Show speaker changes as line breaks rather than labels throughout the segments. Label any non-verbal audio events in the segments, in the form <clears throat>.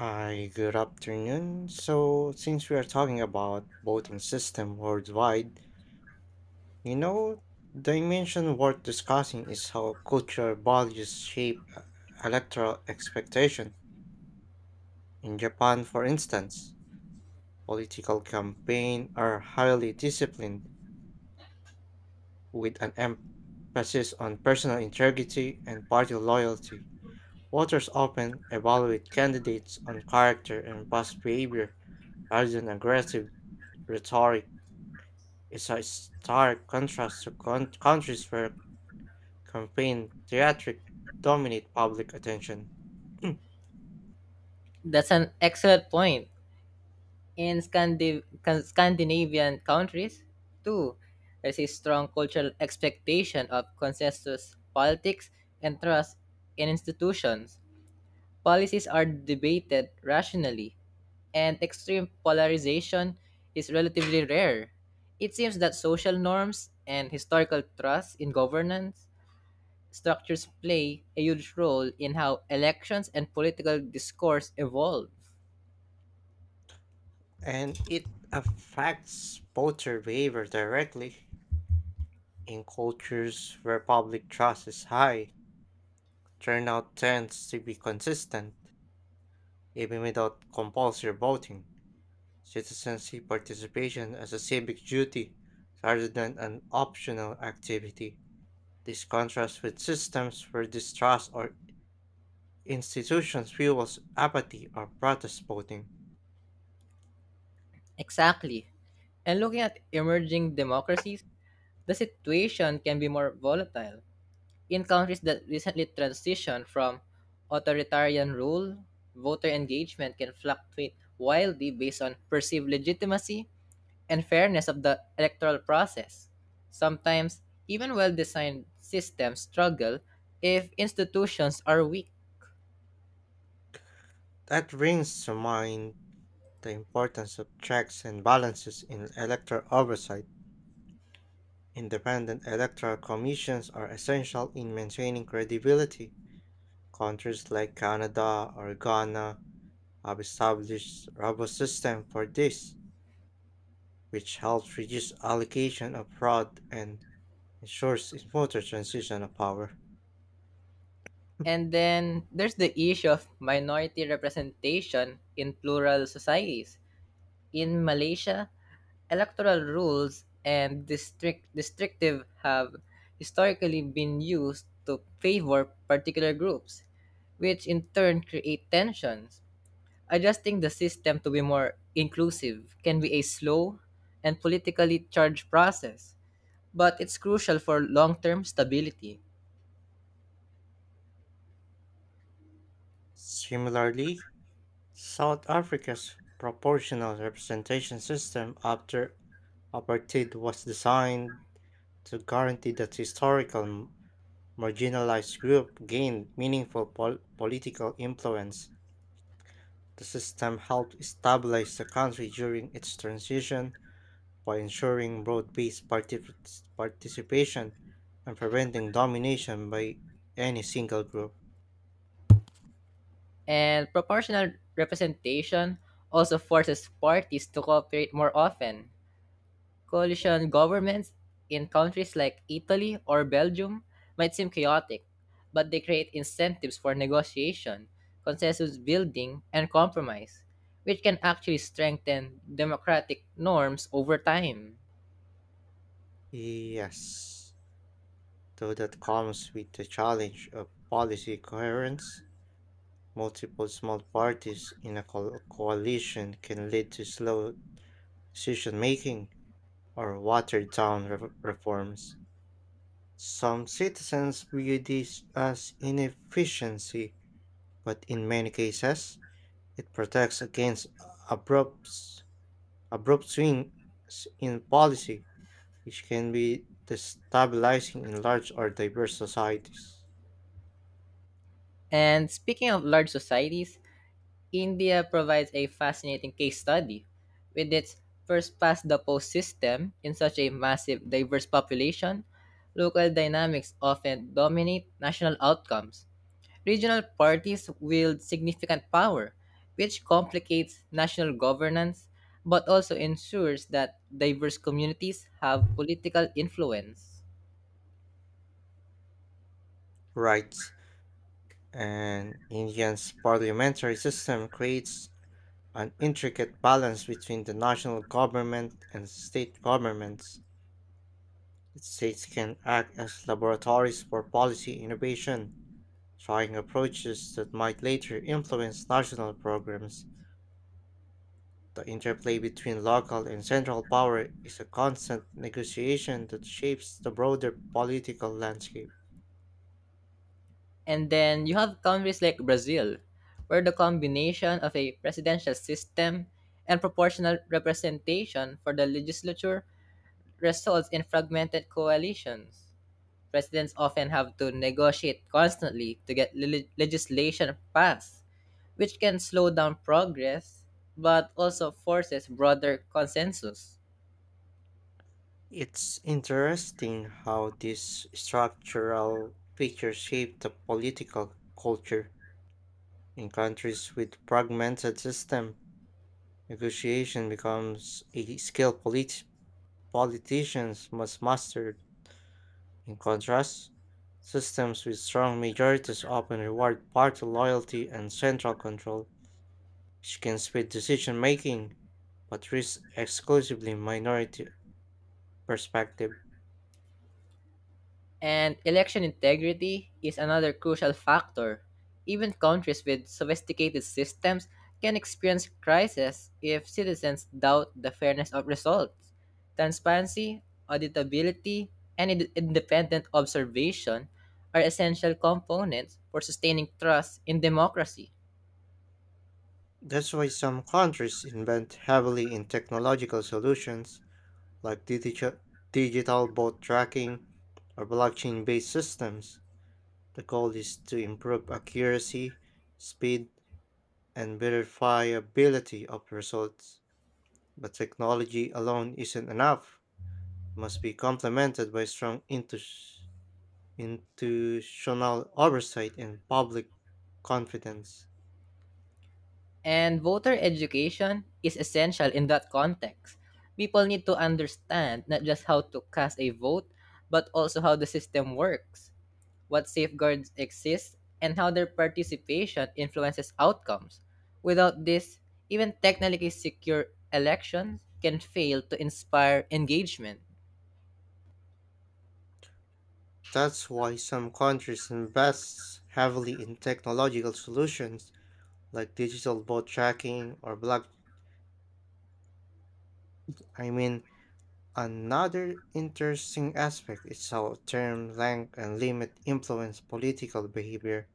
Hi, good afternoon. Since we are talking about voting system worldwide, you know, dimension worth discussing is how cultural values shape electoral expectation. In Japan, for instance, political campaigns are highly disciplined with an emphasis on personal integrity and party loyalty. Voters often evaluate candidates on character and past behavior rather than aggressive rhetoric. Is a stark contrast to countries where campaign theatrics dominate public attention. <clears throat>
That's an excellent point. In Scandinavian countries, too, there's a strong cultural expectation of consensus politics and trust in institutions. Policies are debated rationally, and extreme polarization is relatively rare. It seems that social norms and historical trust in governance structures play a huge role in how elections and political discourse evolve.
And it affects voter behavior directly. In cultures where public trust is high, turnout tends to be consistent, even without compulsory voting. Citizens see participation as a civic duty rather than an optional activity. This contrasts with systems where distrust or institutions fuels apathy or protest voting.
Exactly. And looking at emerging democracies, the situation can be more volatile. In countries that recently transitioned from authoritarian rule, voter engagement can fluctuate wildly based on perceived legitimacy and fairness of the electoral process. Sometimes, even well designed systems struggle if institutions are weak.
That brings to mind the importance of checks and balances in electoral oversight. Independent electoral commissions are essential in maintaining credibility. Countries like Canada or Ghana have established robust systems for this, which helps reduce allocation of fraud and ensures smoother transition of power.
And then there's the issue of minority representation in plural societies. In Malaysia, electoral rules and districtive have historically been used to favor particular groups, which in turn create tensions. Adjusting the system to be more inclusive can be a slow and politically charged process, but it's crucial for long-term stability.
Similarly, South Africa's proportional representation system after apartheid was designed to guarantee that historical marginalized group gained meaningful political influence. The system helped stabilize the country during its transition by ensuring broad-based participation and preventing domination by any single group.
And proportional representation also forces parties to cooperate more often. Coalition governments in countries like Italy or Belgium might seem chaotic, but they create incentives for negotiation, consensus building, and compromise, which can actually strengthen democratic norms over time.
Yes, though that comes with the challenge of policy coherence. Multiple small parties in a coalition can lead to slow decision making or watered down reforms. Some citizens view this as inefficiency, but in many cases, it protects against abrupt abrupt swings in policy, which can be destabilizing in large or diverse societies.
And speaking of large societies, India provides a fascinating case study with its first past the post system in such a massive diverse population. Local dynamics often dominate national outcomes. Regional parties wield significant power, which complicates national governance but also ensures that diverse communities have political influence.
Rights and India's parliamentary system creates an intricate balance between the national government and state governments. The states can act as laboratories for policy innovation, trying approaches that might later influence national programs. The interplay between local and central power is a constant negotiation that shapes the broader political landscape.
And then you have countries like Brazil, where the combination of a presidential system and proportional representation for the legislature results in fragmented coalitions. Presidents often have to negotiate constantly to get legislation passed, which can slow down progress but also forces broader consensus.
It's interesting how these structural features shape the political culture. In countries with fragmented system, negotiation becomes a skill politicians must master. In contrast, systems with strong majorities often reward party loyalty and central control, which can speed decision making but risk exclusively minority perspective.
And election integrity is another crucial factor. Even countries with sophisticated systems can experience crisis if citizens doubt the fairness of results. Transparency, auditability, and independent observation are essential components for sustaining trust in democracy.
That's why some countries invest heavily in technological solutions like digital boat tracking or blockchain based systems. The goal is to improve accuracy, speed, and verifiability of results. But technology alone isn't enough, must be complemented by strong institutional oversight and public confidence.
And voter education is essential in that context. People need to understand not just how to cast a vote, but also how the system works, what safeguards exist, and how their participation influences outcomes. Without this, even technically secure elections can fail to inspire engagement.
That's why some countries invest heavily in technological solutions like digital boat tracking or block. I mean, another interesting aspect is how term length and limit influence political behavior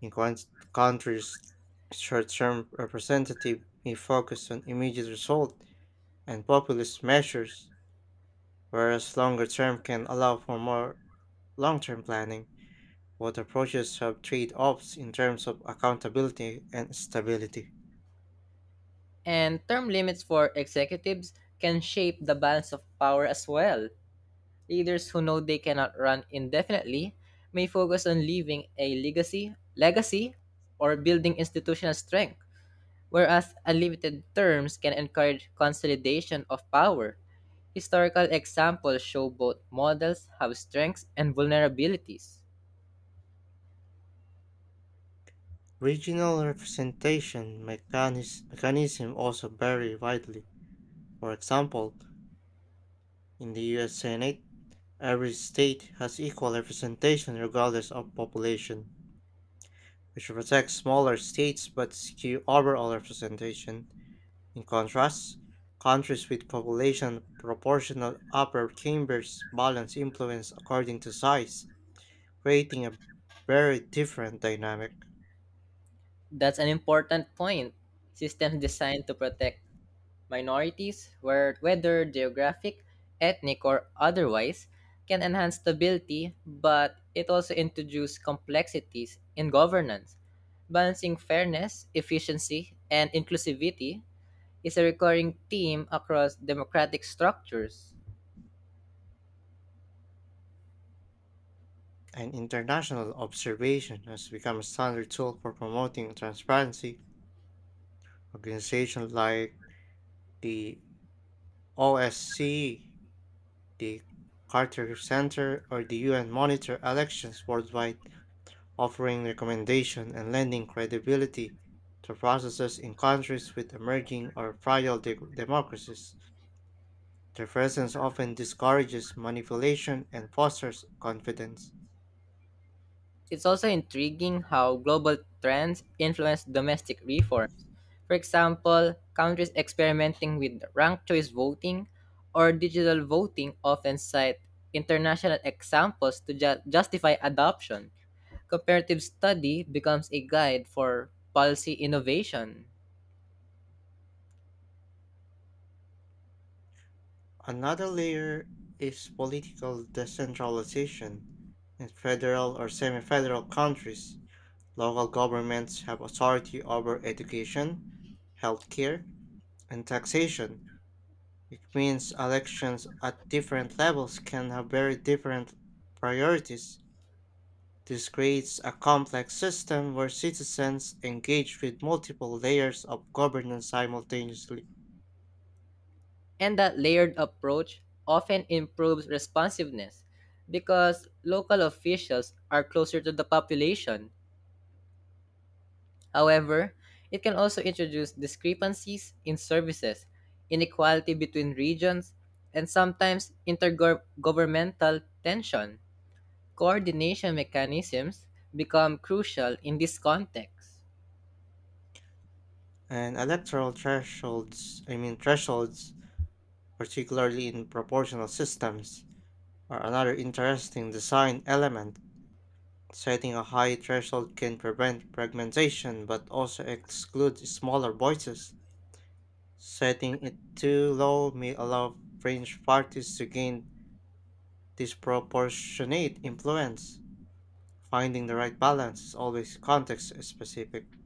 in countries. Short-term representative may focus on immediate result and populist measures, whereas longer term can allow for more long term planning, both approaches have trade offs in terms of accountability and stability.
And term limits for executives can shape the balance of power as well. Leaders who know they cannot run indefinitely may focus on leaving a legacy or building institutional strength, whereas unlimited terms can encourage consolidation of power. Historical examples show both models have strengths and vulnerabilities.
Regional representation mechanisms also vary widely. For example, in the US Senate, every state has equal representation regardless of population, which protects smaller states but skew overall representation. In contrast, countries with population proportional upper chambers balance influence according to size creating a very different dynamic.
That's an important point. Systems designed to protect minorities, whether geographic, ethnic, or otherwise, can enhance stability, but it also introduces complexities in governance. Balancing fairness, efficiency, and inclusivity is a recurring theme across democratic structures.
And international observation has become a standard tool for promoting transparency. Organizations like the OSCE, the Carter Center, or the UN monitor elections worldwide, offering recommendation and lending credibility to processes in countries with emerging or fragile democracies. Their presence often discourages manipulation and fosters confidence.
It's also intriguing how global trends influence domestic reforms. For example, countries experimenting with ranked choice voting or digital voting often cite international examples to justify adoption. Comparative study becomes a guide for policy innovation.
Another layer is political decentralization. In federal or semi federal countries, local governments have authority over education, healthcare, and taxation. It means elections at different levels can have very different priorities. This creates a complex system where citizens engage with multiple layers of governance simultaneously.
And that layered approach often improves responsiveness because local officials are closer to the population. However, it can also introduce discrepancies in services, inequality between regions, and sometimes intergovernmental tension. Coordination mechanisms become crucial in this context.
And electoral thresholds, thresholds particularly in proportional systems, are another interesting design element. Setting a high threshold can prevent fragmentation but also exclude smaller voices. Setting it too low may allow fringe parties to gain disproportionate influence. Finding the right balance is always context specific.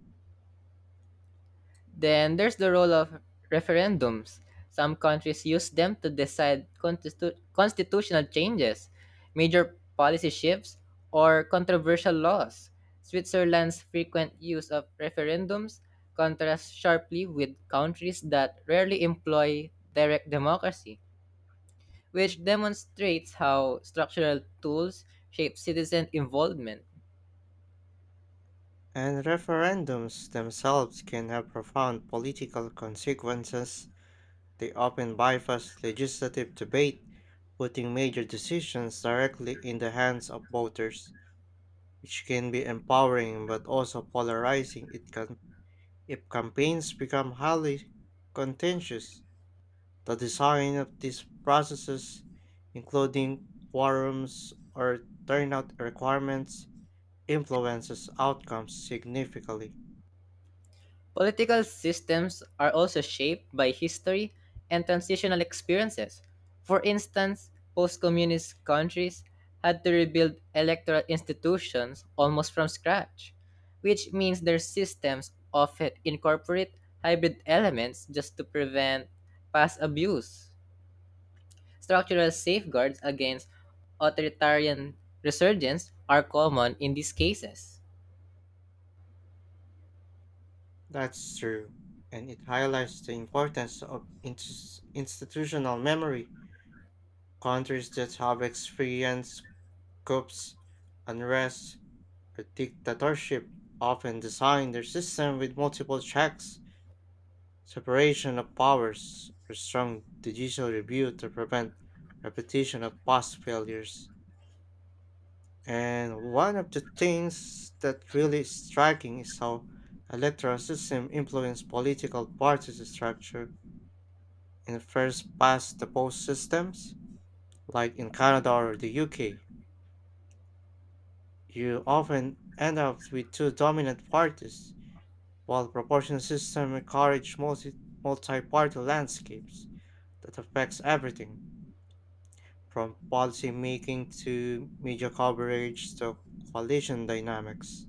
Then there's the role of referendums. Some countries use them to decide constitutional changes, major policy shifts, or controversial laws. Switzerland's frequent use of referendums contrasts sharply with countries that rarely employ direct democracy, which demonstrates how structural tools shape citizen involvement.
And referendums themselves can have profound political consequences. They often bypass legislative debate, putting major decisions directly in the hands of voters, which can be empowering but also polarizing it can, if campaigns become highly contentious. The design of these processes, including quorums or turnout requirements, influences outcomes significantly.
Political systems are also shaped by history and transitional experiences. For instance, post communist countries had to rebuild electoral institutions almost from scratch, which means their systems often incorporate hybrid elements just to prevent past abuse. Structural safeguards against authoritarian resurgence are common in these cases.
That's true, and it highlights the importance of institutional memory. Countries that have experienced coups, unrest, or dictatorship often design their system with multiple checks, separation of powers, or strong judicial review to prevent repetition of past failures. And one of the things that really is striking is how electoral system influence political party structure in first past the post systems, like in Canada or the UK. You often end up with two dominant parties, while proportional systems encourage multi-party landscapes that affects everything from policy making to media coverage to coalition dynamics.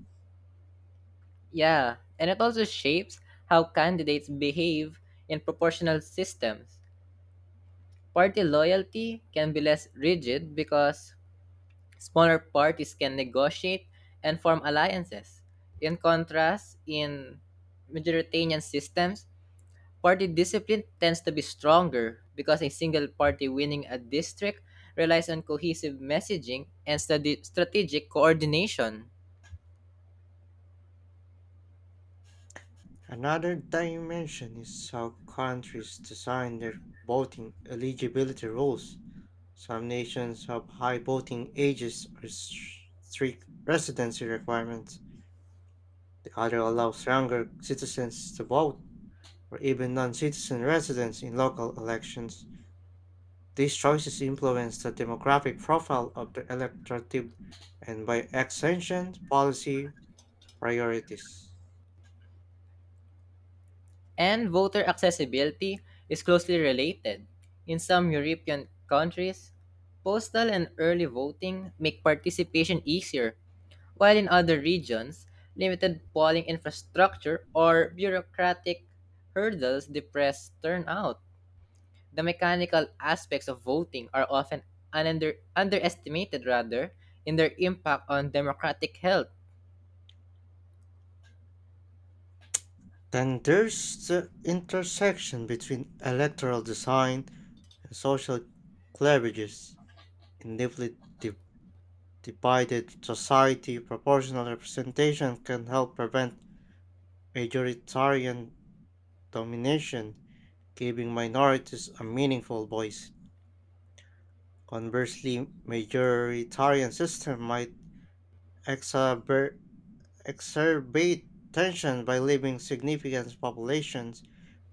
Yeah, and it also shapes how candidates behave in proportional systems. Party loyalty can be less rigid because smaller parties can negotiate and form alliances. In contrast, in majoritarian systems, party discipline tends to be stronger because a single party winning a district relies on cohesive messaging and strategic coordination.
Another dimension is how countries design their voting eligibility rules. Some nations have high voting ages or strict residency requirements. The other allows younger citizens to vote or even non citizen residents in local elections. These choices influence the demographic profile of the electorate and, by extension, policy priorities.
And voter accessibility is closely related. In some European countries, postal and early voting make participation easier, while in other regions, limited polling infrastructure or bureaucratic hurdles depress turnout. The mechanical aspects of voting are often underestimated rather in their impact on democratic health.
Then there's the intersection between electoral design and social cleavages. In deeply divided society, proportional representation can help prevent majoritarian domination, giving minorities a meaningful voice. Conversely, majoritarian system might exacer- exacerbate tension by leaving significant populations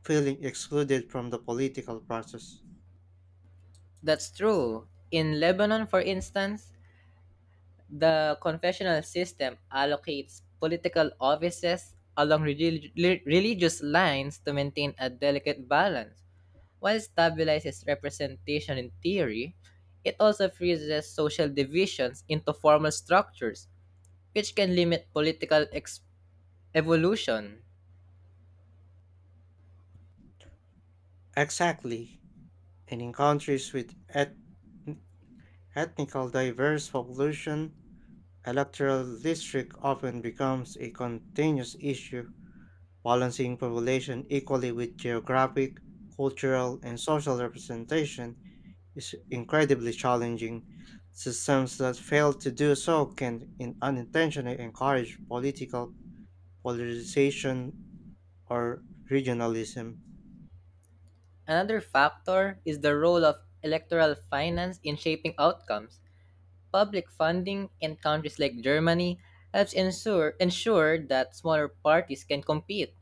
feeling excluded from the political process.
That's true. In Lebanon, for instance, the confessional system allocates political offices along religious lines to maintain a delicate balance. While it stabilizes representation in theory, it also freezes social divisions into formal structures, which can limit political evolution.
Exactly, and in countries with ethnical diverse population, electoral district often becomes a continuous issue, balancing population equally with geographic, cultural, and social representation is incredibly challenging. Systems that fail to do so can in unintentionally encourage political polarization or regionalism.
Another factor is the role of electoral finance in shaping outcomes. Public funding in countries like Germany helps ensure that smaller parties can compete,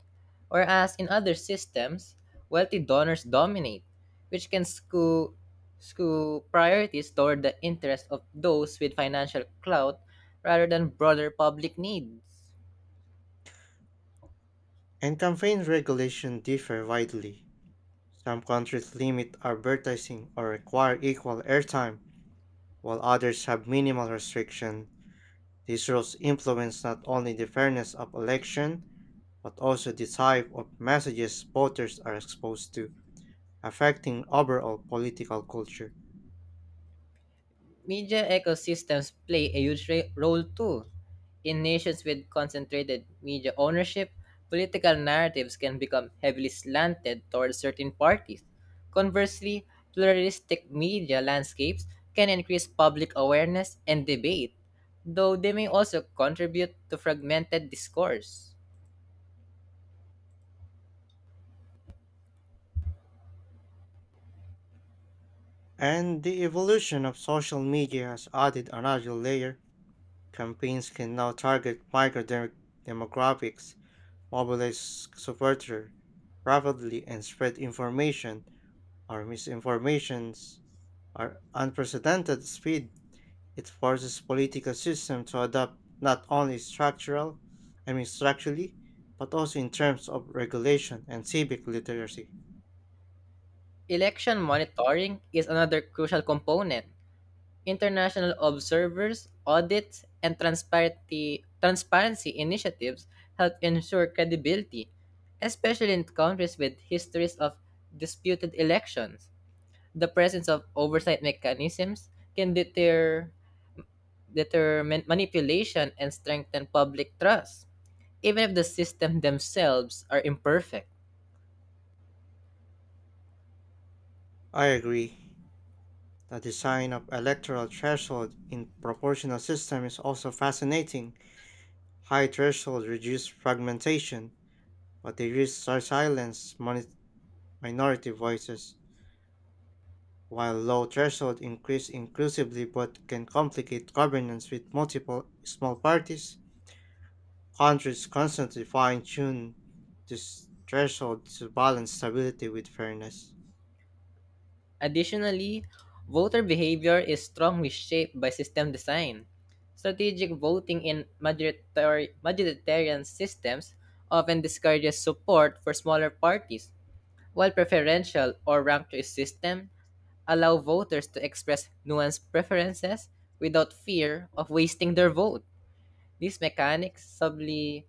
whereas in other systems, wealthy donors dominate, which can skew priorities toward the interests of those with financial clout rather than broader public needs.
And campaign regulation differ widely. Some countries limit advertising or require equal airtime, while others have minimal restriction. These rules influence not only the fairness of election, but also the type of messages voters are exposed to, affecting overall political culture.
Media ecosystems play a huge role too. In nations with concentrated media ownership, political narratives can become heavily slanted towards certain parties. Conversely, pluralistic media landscapes can increase public awareness and debate, though they may also contribute to fragmented discourse.
And the evolution of social media has added another layer. Campaigns can now target demographics, mobilize supporters rapidly, and spread information or misinformations at unprecedented speed. It forces political system to adapt not only structurally, but also in terms of regulation and civic literacy.
Election monitoring is another crucial component. International observers, audits, and transparency initiatives help ensure credibility, especially in countries with histories of disputed elections. The presence of oversight mechanisms can deter manipulation and strengthen public trust, even if the system themselves are imperfect.
I agree. The design of electoral threshold in proportional system is also fascinating. High threshold reduce fragmentation, but they risk minority voices, while low threshold increase inclusively but can complicate governance with multiple small parties. Countries constantly fine-tune this threshold to balance stability with fairness.
Additionally, voter behavior is strongly shaped by system design. Strategic voting in majoritarian systems often discourages support for smaller parties, while preferential or rank choice system allow voters to express nuanced preferences without fear of wasting their vote. These mechanics subtly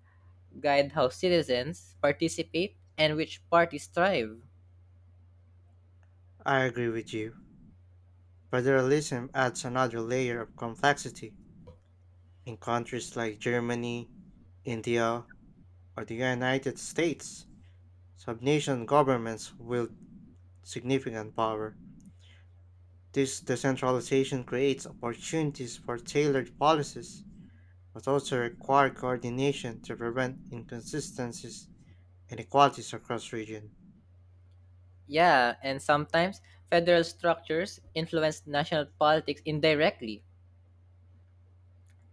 guide how citizens participate and which parties thrive.
I agree with you. Federalism adds another layer of complexity. In countries like Germany, India, or the United States, subnation governments wield significant power. This decentralization creates opportunities for tailored policies, but also require coordination to prevent inconsistencies and inequalities across region.
Yeah, and sometimes federal structures influence national politics indirectly.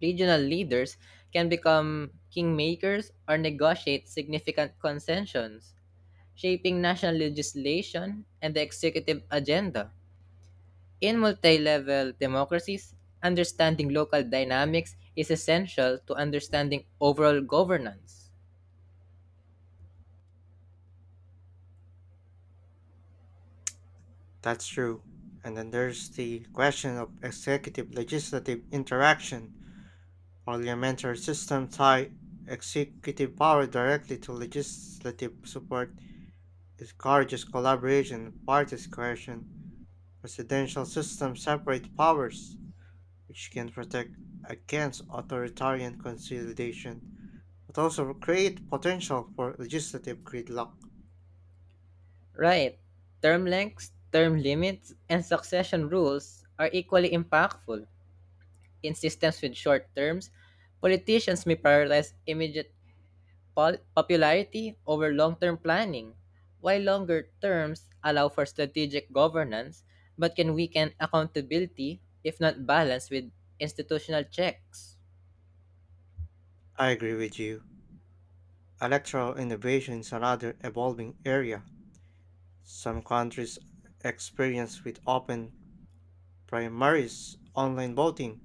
Regional leaders can become kingmakers or negotiate significant concessions, shaping national legislation and the executive agenda. In multi level democracies, understanding local dynamics is essential to understanding overall governance.
That's true. And then there's the question of executive legislative interaction. Parliamentary system tie executive power directly to legislative support. It encourages collaboration parties' party coercion. Presidential systems separate powers, which can protect against authoritarian consolidation, but also create potential for legislative gridlock.
Right. Term lengths, term limits, and succession rules are equally impactful. In systems with short terms, politicians may prioritize immediate popularity over long term planning, while longer terms allow for strategic governance but can weaken accountability if not balanced with institutional checks.
I agree with you. Electoral innovation is another evolving area. Some countries experience with open primaries, online voting,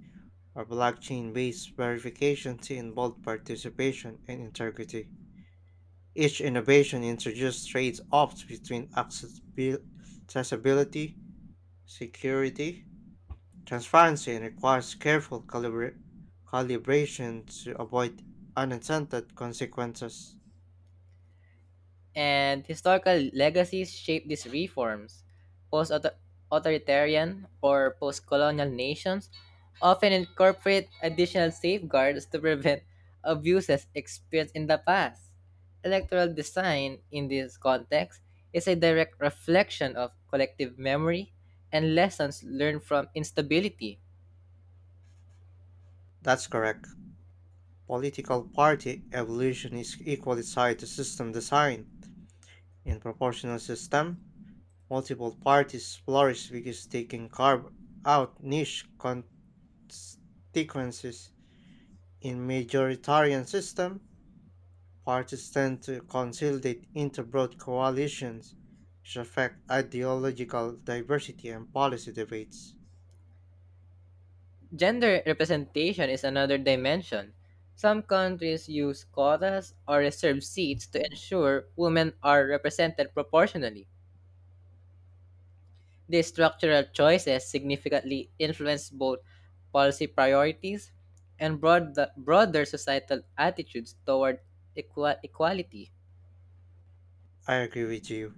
or blockchain based verification to involve participation and integrity. Each innovation introduced trade-offs between accessibility, security, transparency, and requires careful calibration to avoid unintended consequences.
And historical legacies shape these reforms. Post authoritarian or post colonial nations often incorporate additional safeguards to prevent <laughs> abuses experienced in the past. Electoral design in this context is a direct reflection of collective memory and lessons learned from instability.
That's correct. Political party evolution is equally tied to system design. In proportional system, multiple parties flourish because they can carve out niche constituencies. In majoritarian system, parties tend to consolidate into broad coalitions, which affect ideological diversity and policy debates.
Gender representation is another dimension. Some countries use quotas or reserved seats to ensure women are represented proportionally. These structural choices significantly influence both policy priorities and broader societal attitudes toward equality.
I agree with you,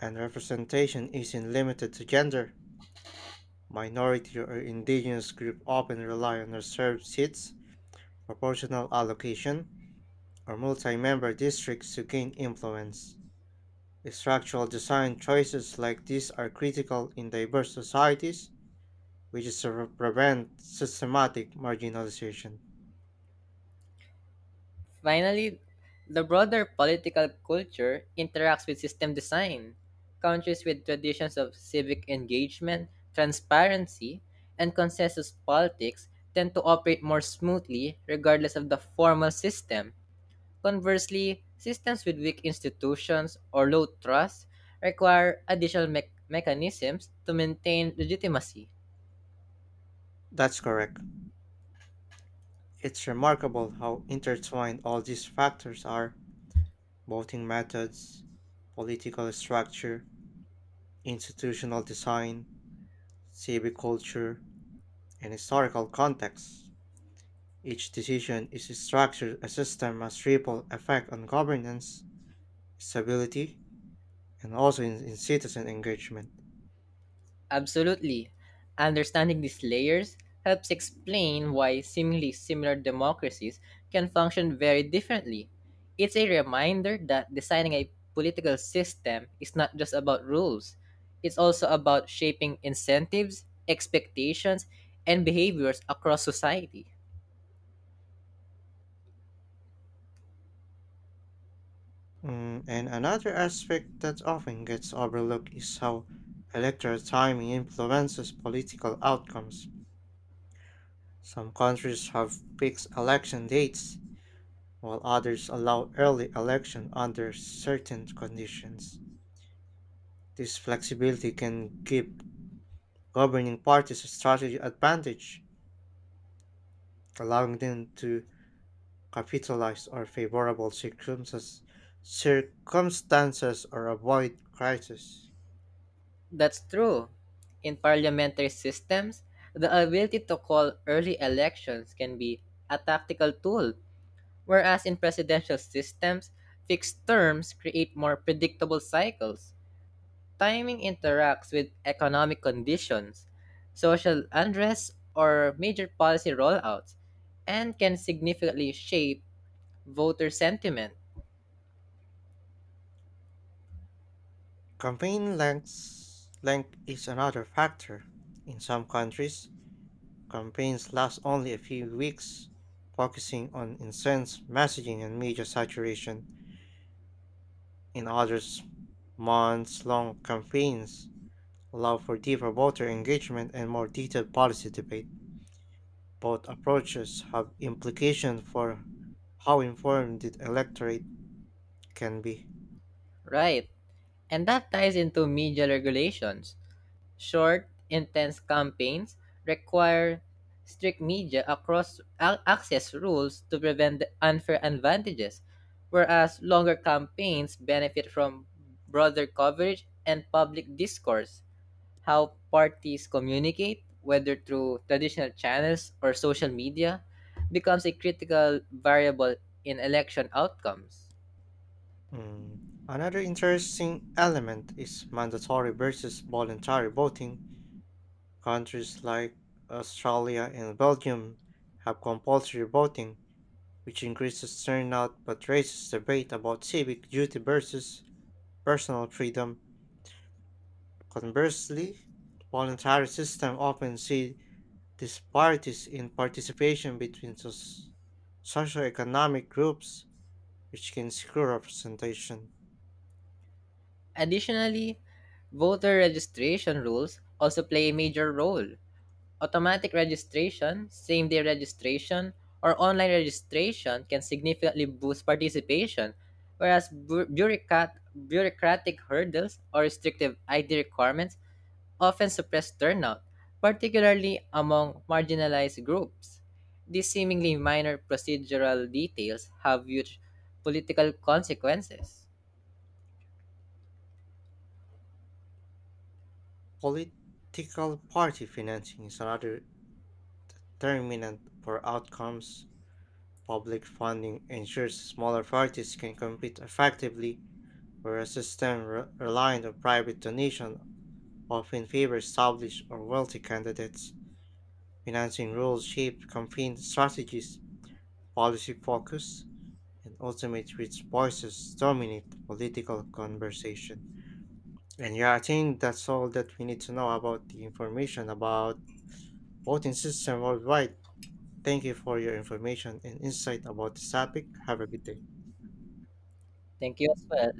and representation isn't limited to gender. Minority or indigenous groups often rely on reserved seats, proportional allocation, or multi member districts to gain influence. Structural design choices like these are critical in diverse societies, which is to prevent systematic marginalization.
Finally, the broader political culture interacts with system design. Countries with traditions of civic engagement, transparency, and consensus politics tend to operate more smoothly regardless of the formal system. Conversely, systems with weak institutions or low trust require additional mechanisms to maintain legitimacy.
That's correct. It's remarkable how intertwined all these factors are voting methods, political structure, institutional design, civic culture, and historical context. Each decision is structured as a system has ripple effect on governance, stability, and also in citizen engagement.
Absolutely. Understanding these layers helps explain why seemingly similar democracies can function very differently. It's a reminder that designing a political system is not just about rules, it's also about shaping incentives, expectations, and behaviors across society.
And another aspect that often gets overlooked is how electoral timing influences political outcomes. Some countries have fixed election dates, while others allow early election under certain conditions. This flexibility can give governing parties a strategic advantage, allowing them to capitalize on circumstances or avoid crisis.
That's true. In parliamentary systems, the ability to call early elections can be a tactical tool. Whereas in presidential systems, fixed terms create more predictable cycles. Timing interacts with economic conditions, social unrest, or major policy rollouts, and can significantly shape voter sentiment.
Length is another factor. In some countries, campaigns last only a few weeks, focusing on incense messaging and media saturation. In others, months long campaigns allow for deeper voter engagement and more detailed policy debate. Both approaches have implications for how informed the electorate can be.
Right. And that ties into media regulations. Short, intense campaigns require strict media access rules to prevent the unfair advantages, whereas longer campaigns benefit from broader coverage and public discourse. How parties communicate, whether through traditional channels or social media, becomes a critical variable in election outcomes.
Mm. Another interesting element is mandatory versus voluntary voting. Countries like Australia and Belgium have compulsory voting, which increases turnout but raises debate about civic duty versus personal freedom. Conversely, the voluntary system often sees disparities in participation between socioeconomic groups, which can skew representation.
Additionally, voter registration rules also play a major role. Automatic registration, same day registration, or online registration can significantly boost participation, whereas bureaucratic hurdles or restrictive ID requirements often suppress turnout, particularly among marginalized groups. These seemingly minor procedural details have huge political consequences.
Political party financing is another determinant for outcomes. Public funding ensures smaller parties can compete effectively, whereas a system reliant on private donation often favor established or wealthy candidates. Financing rules shape campaign strategies, policy focus, and ultimate which voices dominate political conversation. And yeah, I think that's all that we need to know about the information about voting system worldwide. Thank you for your information and insight about this topic. Have a good day.
Thank you as well.